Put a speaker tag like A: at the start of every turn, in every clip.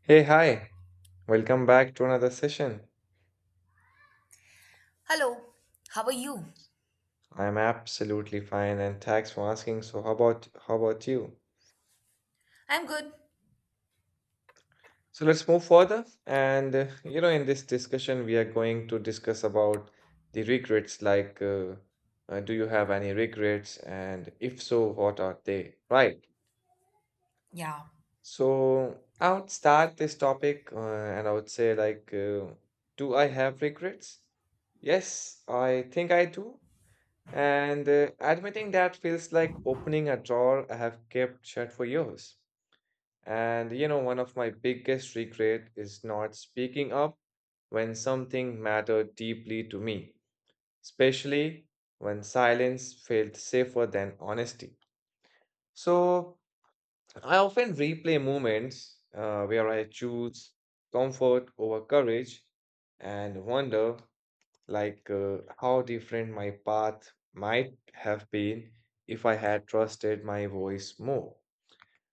A: Hey, hi. Welcome back to another session.
B: Hello, how are you?
A: I'm absolutely fine and thanks for asking. So how about you?
B: I'm good.
A: So let's move further and you know, in this discussion we are going to discuss about the regrets like do you have any regrets and if so what are they? Right.
B: Yeah,
A: So I would start this topic and I would say do I have regrets? Yes, I think I do. And admitting that feels like opening a drawer I have kept shut for years. And you know, one of my biggest regret is not speaking up when something mattered deeply to me, especially when silence felt safer than honesty. So I often replay moments where I choose comfort over courage and wonder how different my path might have been if I had trusted my voice more.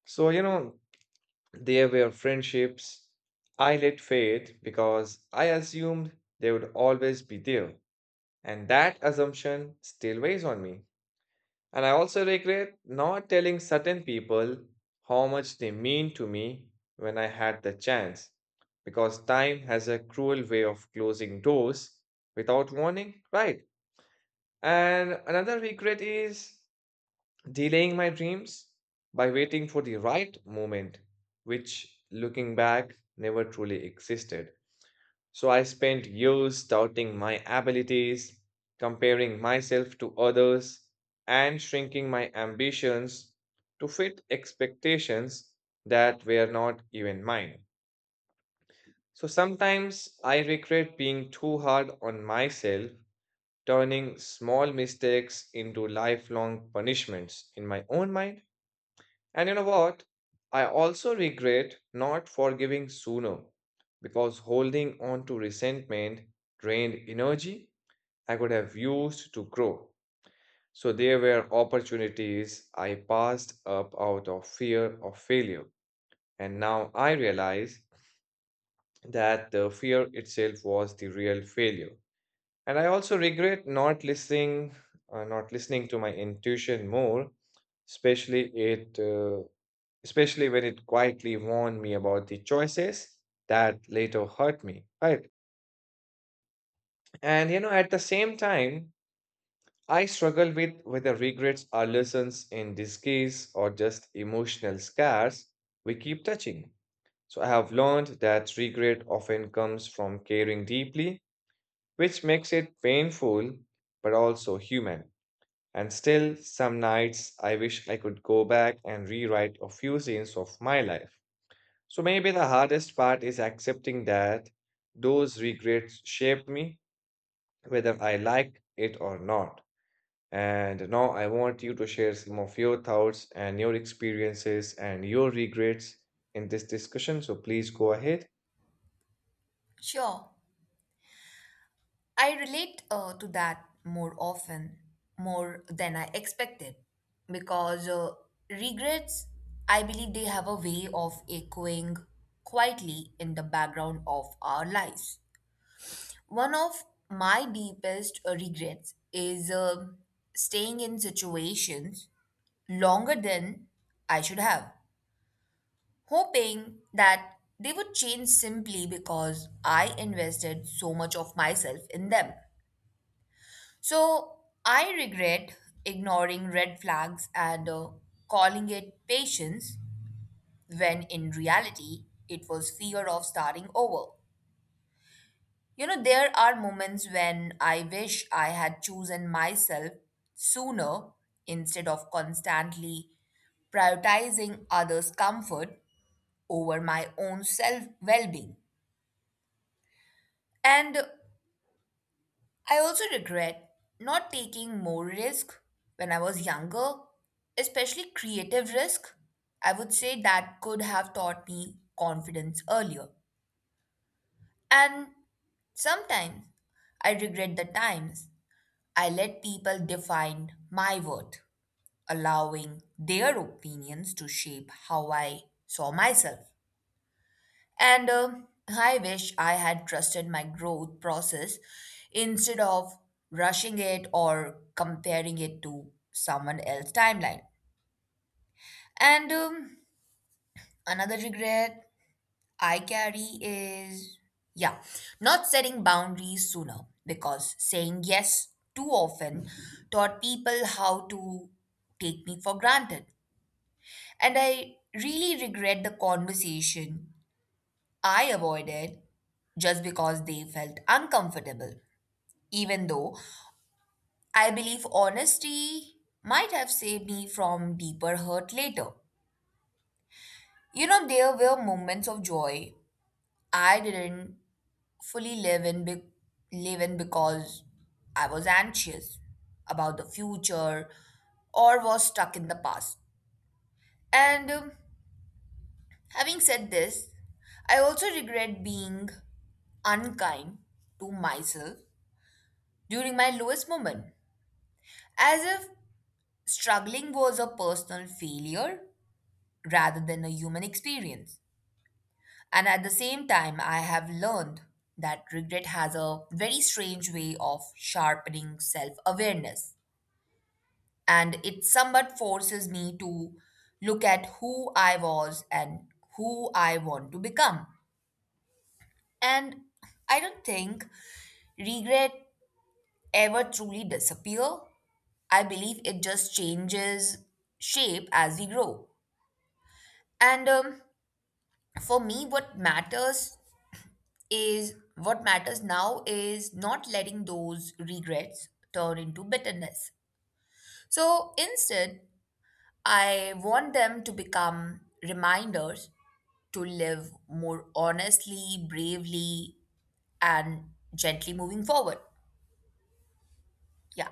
A: So, you know, there were friendships I let fade because I assumed they would always be there. And that assumption still weighs on me. And I also regret not telling certain people how much they mean to me when I had the chance, because time has a cruel way of closing doors without warning, right? And another regret is delaying my dreams by waiting for the right moment, which looking back never truly existed. So I spent years doubting my abilities, comparing myself to others, and shrinking my ambitions to fit expectations that were not even mine. So sometimes I regret being too hard on myself, turning small mistakes into lifelong punishments in my own mind. And you know what? I also regret not forgiving sooner because holding on to resentment drained energy I could have used to grow. So there were opportunities I passed up out of fear of failure. And now I realize that the fear itself was the real failure. And I also regret not listening, not listening to my intuition more, especially it, uh, especially when it quietly warned me about the choices that later hurt me, right? And you know, at the same time, I struggle with whether regrets are lessons in disguise or just emotional scars we keep touching. So I have learned that regret often comes from caring deeply, which makes it painful but also human. And still, some nights I wish I could go back and rewrite a few scenes of my life. So maybe the hardest part is accepting that those regrets shaped me, whether I liked it or not. And now I want you to share some of your thoughts and your experiences and your regrets in this discussion. So please go ahead.
B: sure. I relate to that more often, more than I expected, because regrets, I believe they have a way of echoing quietly in the background of our lives. One of my deepest regrets is staying in situations longer than I should have, hoping that they would change simply because I invested so much of myself in them. So I regret ignoring red flags and calling it patience when in reality it was fear of starting over. You know, there are moments when I wish I had chosen myself sooner instead of constantly prioritizing others' comfort over my own self well being. And I also regret not taking more risk when I was younger, especially creative risk. I would say that could have taught me confidence earlier. And sometimes I regret the times I let people define my worth, allowing their opinions to shape how I saw myself. And I wish I had trusted my growth process instead of rushing it or comparing it to someone else's timeline. And another regret I carry is, yeah, not setting boundaries sooner because saying yes too often taught people how to take me for granted. And I really regret the conversation I avoided just because they felt uncomfortable, even though I believe honesty might have saved me from deeper hurt later. You know, there were moments of joy I didn't fully live in, live in because I was anxious about the future or was stuck in the past. And having said this, I also regret being unkind to myself during my lowest moment, as if struggling was a personal failure rather than a human experience. And at the same time, I have learned that regret has a very strange way of sharpening self awareness. And it somewhat forces me to look at who I was and who I want to become. And I don't think regret ever truly disappear. I believe it just changes shape as we grow. And for me what matters is what matters now is not letting those regrets turn into bitterness, so instead I want them to become reminders to live more honestly, bravely, and gently moving forward. Yeah.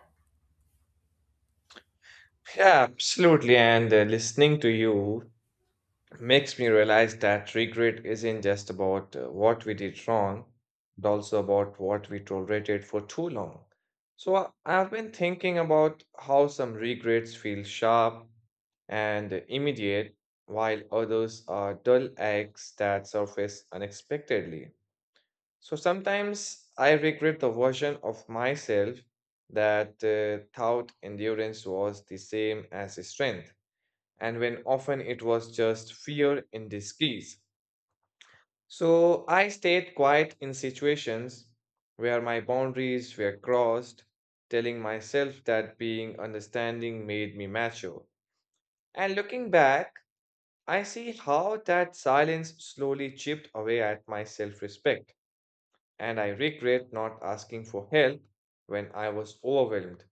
A: Yeah, absolutely. And listening to you makes me realize that regret isn't just about what we did wrong, but also about what we tolerated for too long. So I've been thinking about how some regrets feel sharp and immediate, while others are dull eggs that surface unexpectedly. So sometimes I regret the version of myself that thought endurance was the same as strength, and when often it was just fear in disguise. So I stayed quiet in situations where my boundaries were crossed, telling myself that being understanding made me mature. And looking back, I see how that silence slowly chipped away at my self respect, and I regret not asking for help when I was overwhelmed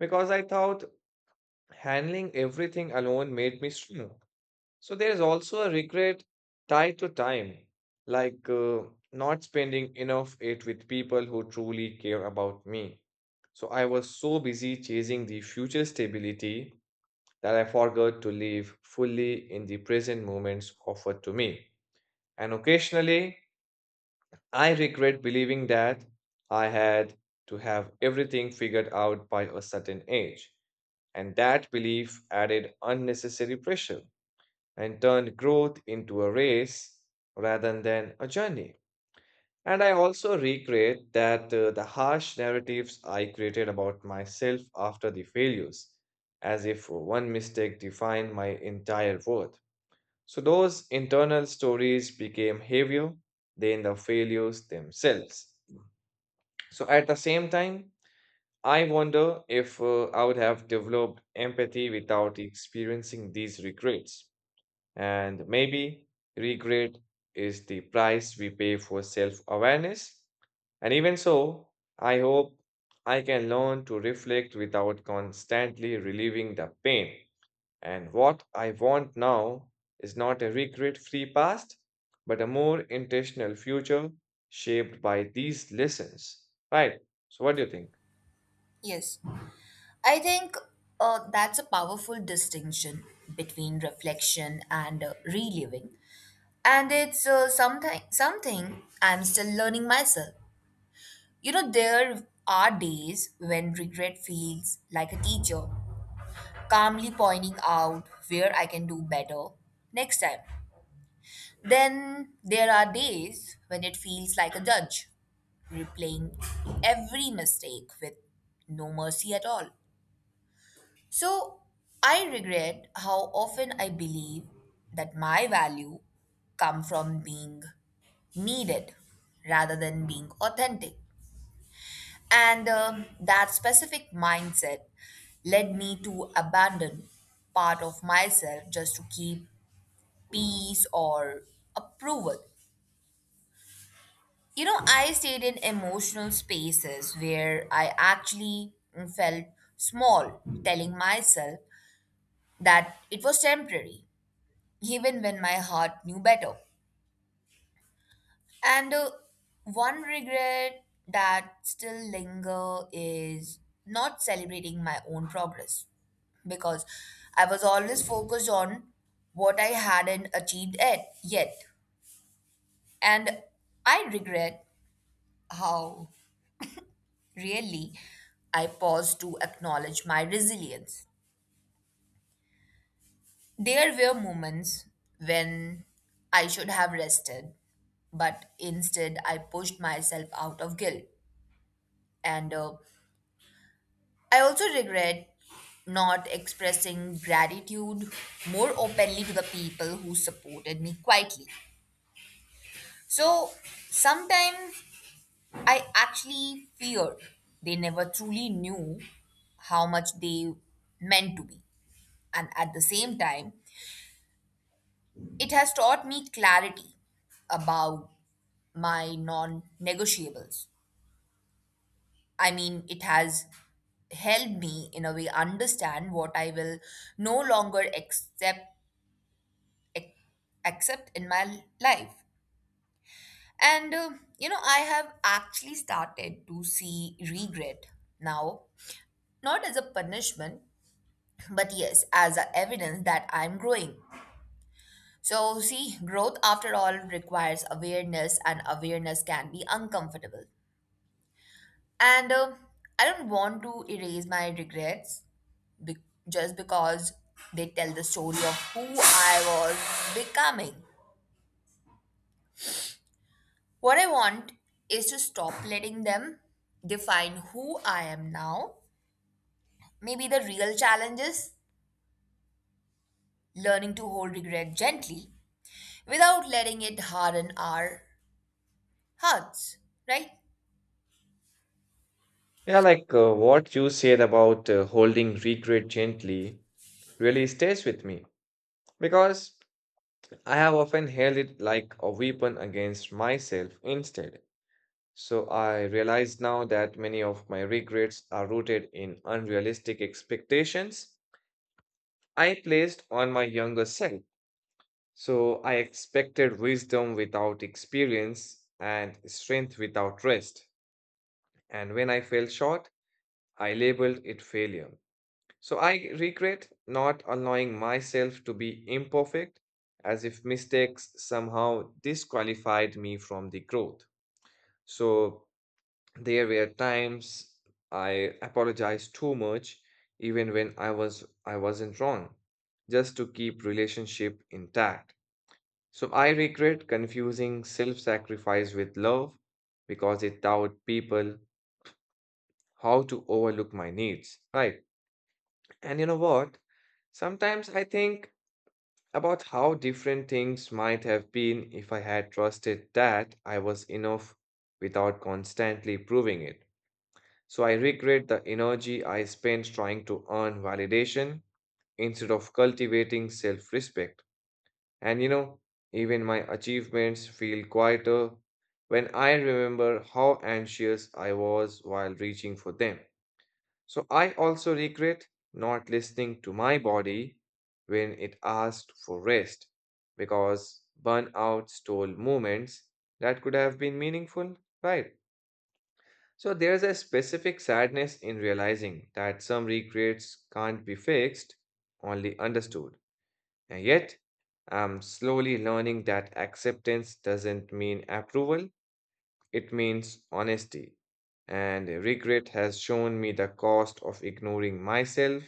A: because I thought handling everything alone made me strong. So there is also a regret tied to time, like uh, not spending enough it with people who truly care about me. So I was so busy chasing the future stability that I forgot to live fully in the present moments offered to me. And occasionally, I regret believing that I had to have everything figured out by a certain age. And that belief added unnecessary pressure and turned growth into a race rather than a journey. And I also regret that the harsh narratives I created about myself after the failures, as if one mistake defined my entire worth. So those internal stories became heavier than the failures themselves. So at the same time, I wonder if I would have developed empathy without experiencing these regrets. And maybe regret is the price we pay for self awareness. And even so, I hope I can learn to reflect without constantly relieving the pain. And what I want now is not a regret free past, but a more intentional future shaped by these lessons. Right. So, what do you think?
B: Yes, I think that's a powerful distinction between reflection and reliving, and it's something I'm still learning myself. You know, there are days when regret feels like a teacher, calmly pointing out where I can do better next time. Then there are days when it feels like a judge, replaying every mistake with no mercy at all. So I regret how often I believe that my value come from being needed rather than being authentic. And that specific mindset led me to abandon part of myself just to keep peace or approval. You know, I stayed in emotional spaces where I actually felt small, telling myself that it was temporary, even when my heart knew better. And one regret that still linger is not celebrating my own progress because I was always focused on what I hadn't achieved yet. And I regret how really I paused to acknowledge my resilience. There were moments when I should have rested, but instead I pushed myself out of guilt. And I also regret not expressing gratitude more openly to the people who supported me quietly. So sometimes I actually fear they never truly knew how much they meant to me. And at the same time, it has taught me clarity about my non negotiables. I mean, it has helped me in a way understand what I will no longer accept, ac- accept in my life. And you know, I have actually started to see regret now, not as a punishment, but yes, as a evidence that I'm growing. So, see, growth after all requires awareness, and awareness can be uncomfortable. And I don't want to erase my regrets be- just because they tell the story of who I was becoming. What I want is to stop letting them define who I am now. Maybe the real challenge is learning to hold regret gently without letting it harden our hearts, right?
A: Yeah, like what you said about holding regret gently really stays with me because I have often held it like a weapon against myself instead. So I realize now that many of my regrets are rooted in unrealistic expectations I placed on my younger self. So I expected wisdom without experience and strength without rest. And when I fell short, I labeled it failure. So I regret not allowing myself to be imperfect, as if mistakes somehow disqualified me from the growth. So there were times I apologized too much, even when I wasn't wrong, just to keep relationship intact. So I regret confusing self-sacrifice with love because it taught people how to overlook my needs. Right. And you know what? Sometimes I think about how different things might have been if I had trusted that I was enough without constantly proving it. So I regret the energy I spent trying to earn validation instead of cultivating self respect. And you know, even my achievements feel quieter when I remember how anxious I was while reaching for them. So I also regret not listening to my body when it asked for rest because burnout stole moments that could have been meaningful, right? So there's a specific sadness in realizing that some regrets can't be fixed, only understood. And yet, I'm slowly learning that acceptance doesn't mean approval, it means honesty. And regret has shown me the cost of ignoring myself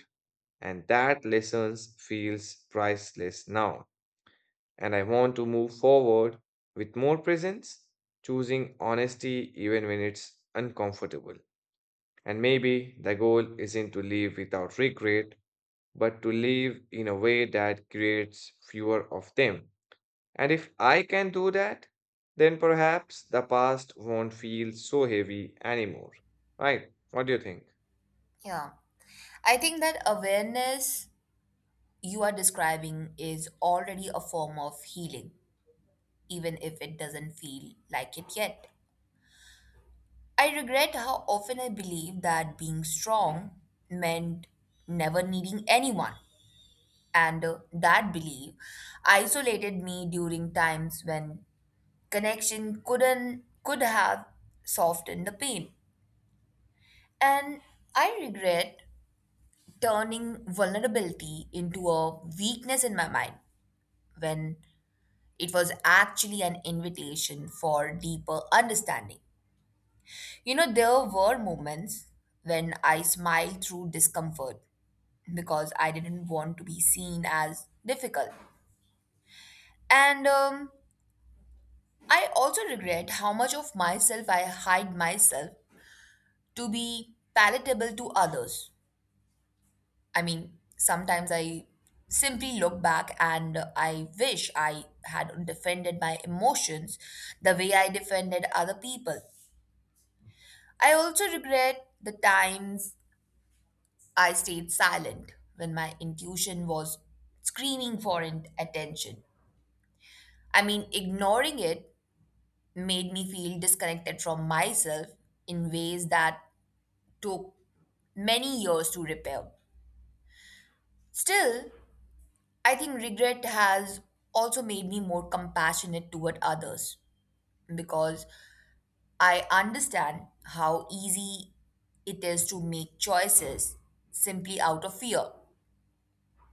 A: and that lessons feels priceless now. And I want to move forward with more presence, choosing honesty even when it's uncomfortable. And maybe the goal isn't to live without regret, but to live in a way that creates fewer of them. And if I can do that, then perhaps the past won't feel so heavy anymore. Right? What do you think?
B: Yeah. I think that awareness you are describing is already a form of healing, even if it doesn't feel like it yet. I regret how often I believed that being strong meant never needing anyone. And that belief isolated me during times when connection couldn't could have softened the pain. And I regret turning vulnerability into a weakness in my mind when it was actually an invitation for deeper understanding. You know, there were moments when I smiled through discomfort because I didn't want to be seen as difficult. And I also regret how much of myself I hide myself to be palatable to others. I mean, sometimes I simply look back and I wish I had defended my emotions the way I defended other people. I also regret the times I stayed silent when my intuition was screaming for attention. I mean, ignoring it made me feel disconnected from myself in ways that took many years to repair. Still, I think regret has also made me more compassionate toward others because I understand how easy it is to make choices simply out of fear.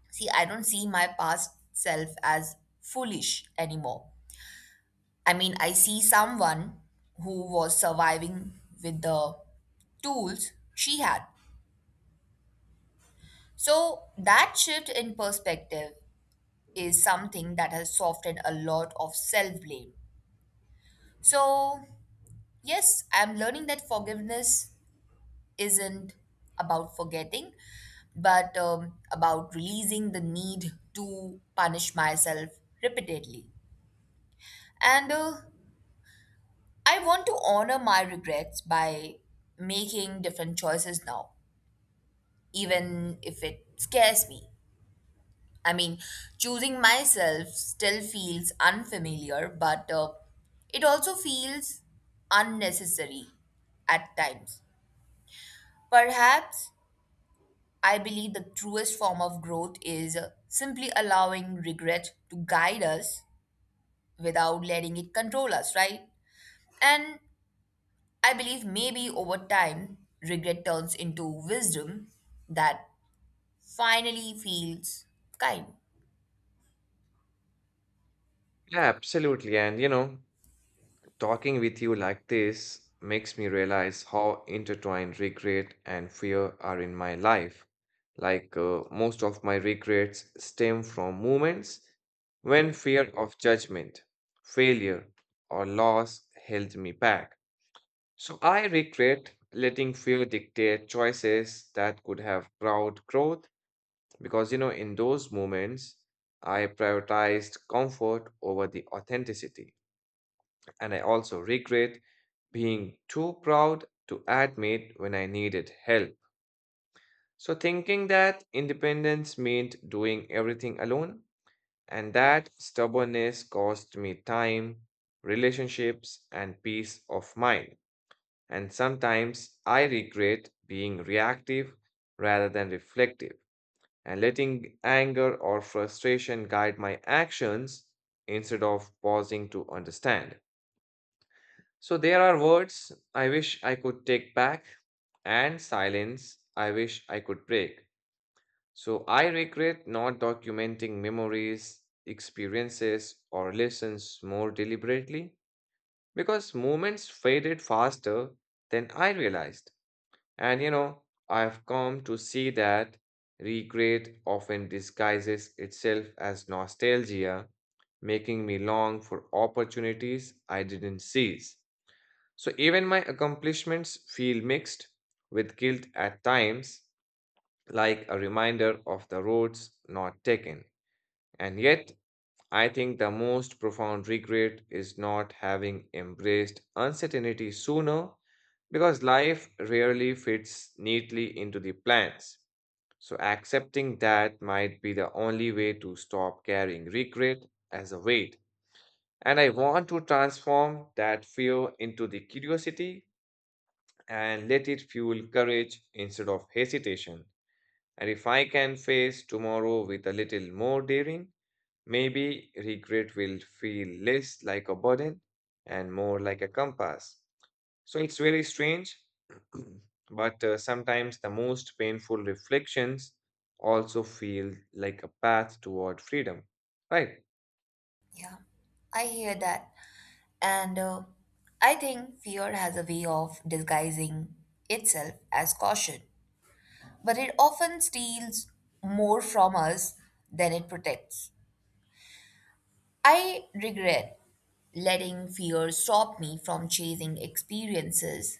B: See, I don't see my past self as foolish anymore. I mean, I see someone who was surviving with the tools she had. So that shift in perspective is something that has softened a lot of self blame. So, yes, I'm learning that forgiveness isn't about forgetting, but about releasing the need to punish myself repeatedly. And I want to honor my regrets by making different choices now, even if it scares me. I mean, choosing myself still feels unfamiliar, but it also feels unnecessary at times. Perhaps I believe the truest form of growth is simply allowing regret to guide us without letting it control us, right? And I believe maybe over time, regret turns into wisdom that finally feels kind.
A: Yeah, absolutely. And you know, talking with you like this makes me realize how intertwined regret and fear are in my life. Like, most of my regrets stem from moments when fear of judgment, failure, or loss held me back. So I regret letting fear dictate choices that could have brought growth because, you know, in those moments, I prioritized comfort over the authenticity. And I also regret being too proud to admit when I needed help. So, thinking that independence meant doing everything alone, and that stubbornness cost me time, relationships, and peace of mind. And sometimes I regret being reactive rather than reflective and letting anger or frustration guide my actions instead of pausing to understand. So there are words I wish I could take back and silence I wish I could break. So I regret not documenting memories, experiences, or lessons more deliberately because moments faded faster than I realized. And you know, I've come to see that regret often disguises itself as nostalgia, making me long for opportunities I didn't seize. So even my accomplishments feel mixed with guilt at times, like a reminder of the roads not taken. And yet, I think the most profound regret is not having embraced uncertainty sooner because life rarely fits neatly into the plans. So, accepting that might be the only way to stop carrying regret as a weight. And I want to transform that fear into the curiosity and let it fuel courage instead of hesitation. And if I can face tomorrow with a little more daring, maybe regret will feel less like a burden and more like a compass. So it's very strange, but sometimes the most painful reflections also feel like a path toward freedom. Right.
B: Yeah, I hear that. And I think fear has a way of disguising itself as caution, but it often steals more from us than it protects. I regret letting fear stop me from chasing experiences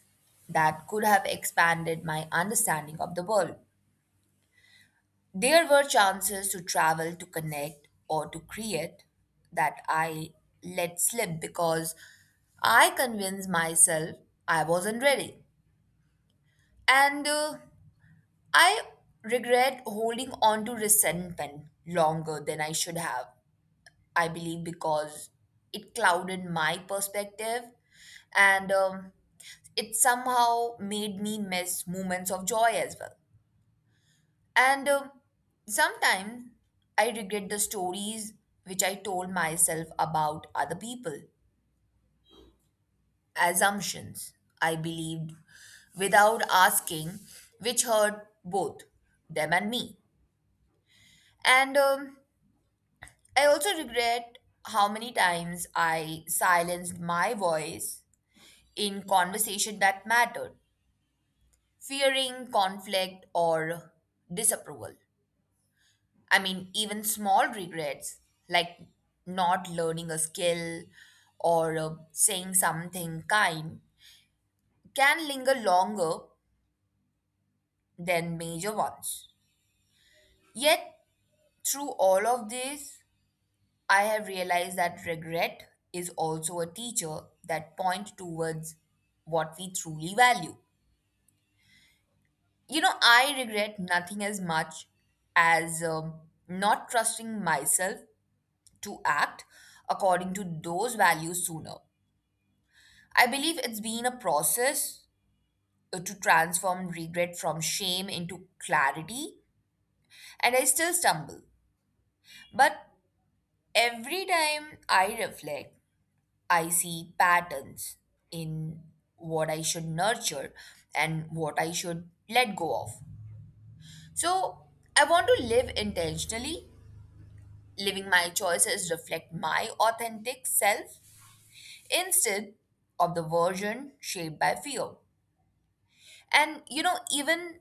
B: that could have expanded my understanding of the world. There were chances to travel, to connect, or to create that I let slip because I convinced myself I wasn't ready. And I regret holding on to resentment longer than I should have, I believe, because it clouded my perspective and it somehow made me miss moments of joy as well. And sometimes I regret the stories which I told myself about other people, assumptions I believed without asking, which hurt both them and me. And I also regret how many times I silenced my voice in conversation that mattered, fearing conflict or disapproval. I mean, even small regrets like not learning a skill or saying something kind can linger longer than major ones. Yet, through all of this, I have realized that regret is also a teacher that points towards what we truly value. You know, I regret nothing as much as not trusting myself to act according to those values sooner. I believe it's been a process to transform regret from shame into clarity, and I still stumble. But every time I reflect, I see patterns in what I should nurture and what I should let go of. So I want to live intentionally, living my choices reflect my authentic self instead of the version shaped by fear. And you know, even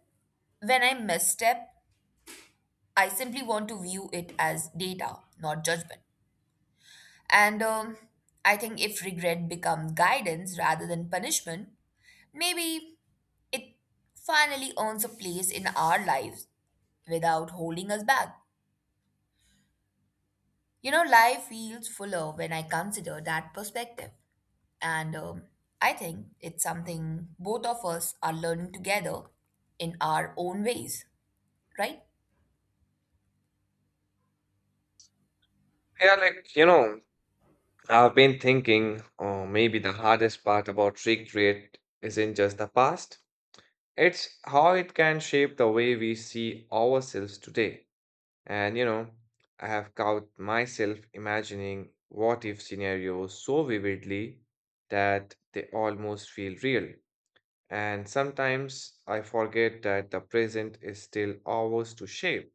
B: when I misstep I simply want to view it as data, not judgment. And I think if regret becomes guidance rather than punishment, maybe it finally earns a place in our lives without holding us back. You know, life feels fuller when I consider that perspective. And I think it's something both of us are learning together in our own ways, right?
A: Yeah, like, you know, I've been thinking, oh, maybe the hardest part about regret isn't just the past. It's how it can shape the way we see ourselves today. And you know, I have caught myself imagining what if scenarios so vividly that they almost feel real. And sometimes I forget that the present is still ours to shape.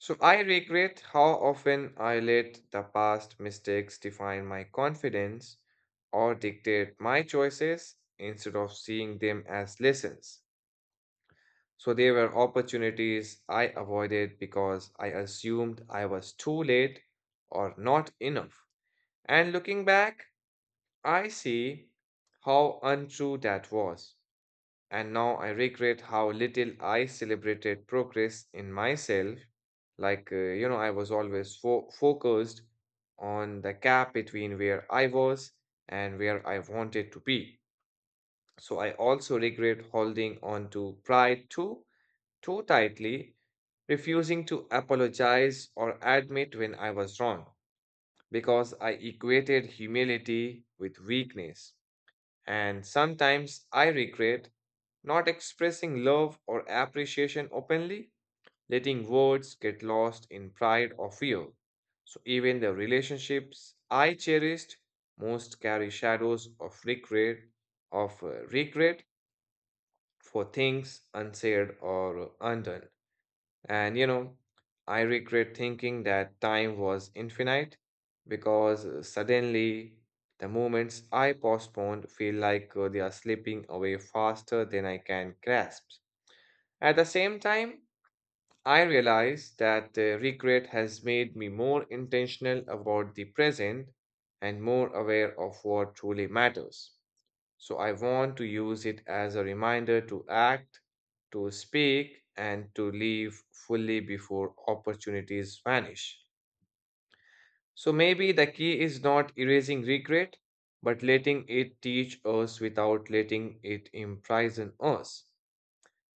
A: So I regret how often I let the past mistakes define my confidence or dictate my choices instead of seeing them as lessons. So there were opportunities I avoided because I assumed I was too late or not enough. And looking back, I see how untrue that was. And now I regret how little I celebrated progress in myself. Like, you know, I was always focused on the gap between where I was and where I wanted to be. So I also regret holding on to pride too tightly, refusing to apologize or admit when I was wrong because I equated humility with weakness. And sometimes I regret not expressing love or appreciation openly, letting words get lost in pride or fear. So even the relationships I cherished most carry shadows of regret for things unsaid or undone. And you know, I regret thinking that time was infinite because suddenly the moments I postponed feel like they are slipping away faster than I can grasp. At the same time, I realize that the regret has made me more intentional about the present and more aware of what truly matters. So I want to use it as a reminder to act, to speak, and to live fully before opportunities vanish. So maybe the key is not erasing regret, but letting it teach us without letting it imprison us.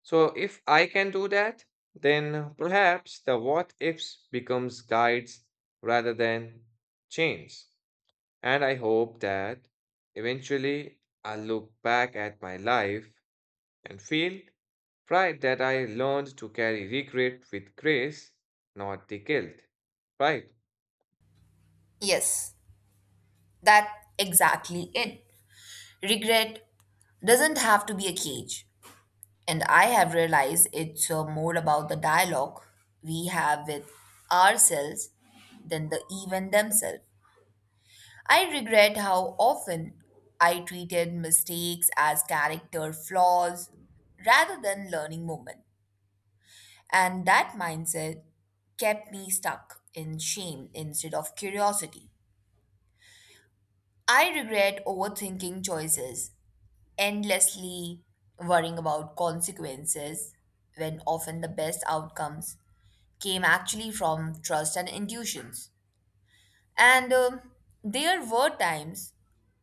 A: So if I can do that, then perhaps the what ifs becomes guides rather than chains. And I hope that eventually I'll look back at my life and feel pride that I learned to carry regret with grace, not the guilt, right?
B: Yes, that exactly it. Regret doesn't have to be a cage, and I have realized it's more about the dialogue we have with ourselves than the event themselves. I regret how often I treated mistakes as character flaws rather than learning moment. And that mindset kept me stuck in shame instead of curiosity. I regret overthinking choices endlessly, worrying about consequences when often the best outcomes came actually from trust and intuitions. And there were times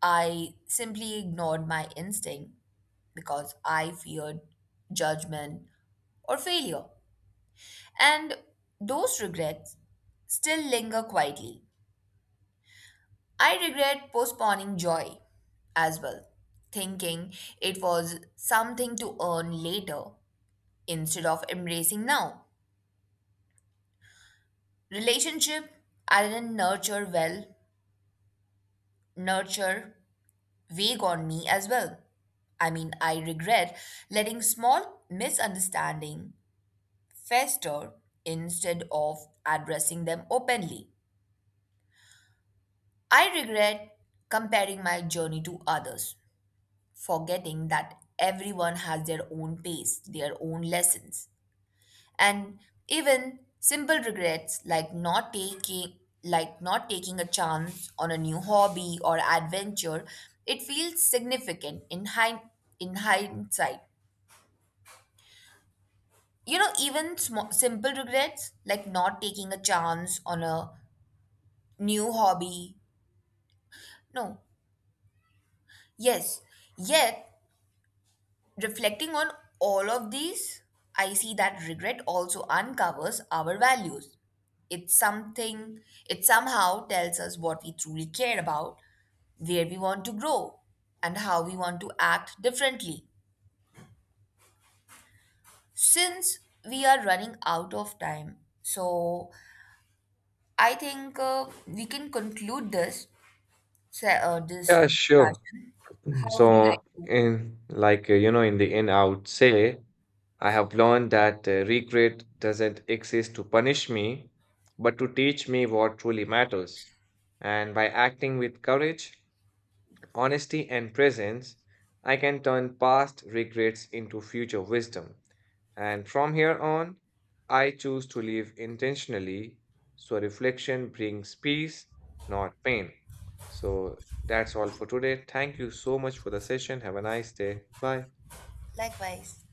B: I simply ignored my instinct because I feared judgment or failure. And those regrets still linger quietly. I regret postponing joy as well, thinking it was something to earn later instead of embracing now. Relationship I didn't nurture well, nurture vague on me as well. I mean, I regret letting small misunderstanding fester instead of addressing them openly. I regret comparing my journey to others, forgetting that everyone has their own pace, their own lessons. And even simple regrets like not taking a chance on a new hobby or adventure, it feels significant in hind in hindsight. You know, even small, simple regrets like not taking a chance on a new hobby. No. Yes. Yet, reflecting on all of these, I see that regret also uncovers our values. It's something, it somehow tells us what we truly care about, where we want to grow, and how we want to act differently. Since we are running out of time, so I think we can conclude this this
A: Yeah, sure.
B: discussion.
A: Mhm.
B: How would you
A: So,
B: like to?
A: in you know, in the end, I would say I have learned that regret doesn't exist to punish me, but to teach me what truly matters. And by acting with courage, honesty, and presence, I can turn past regrets into future wisdom. And from here on, I choose to live intentionally so reflection brings peace, not pain. So that's all for today. Thank you so much for the session. Have a nice day. Bye.
B: Likewise.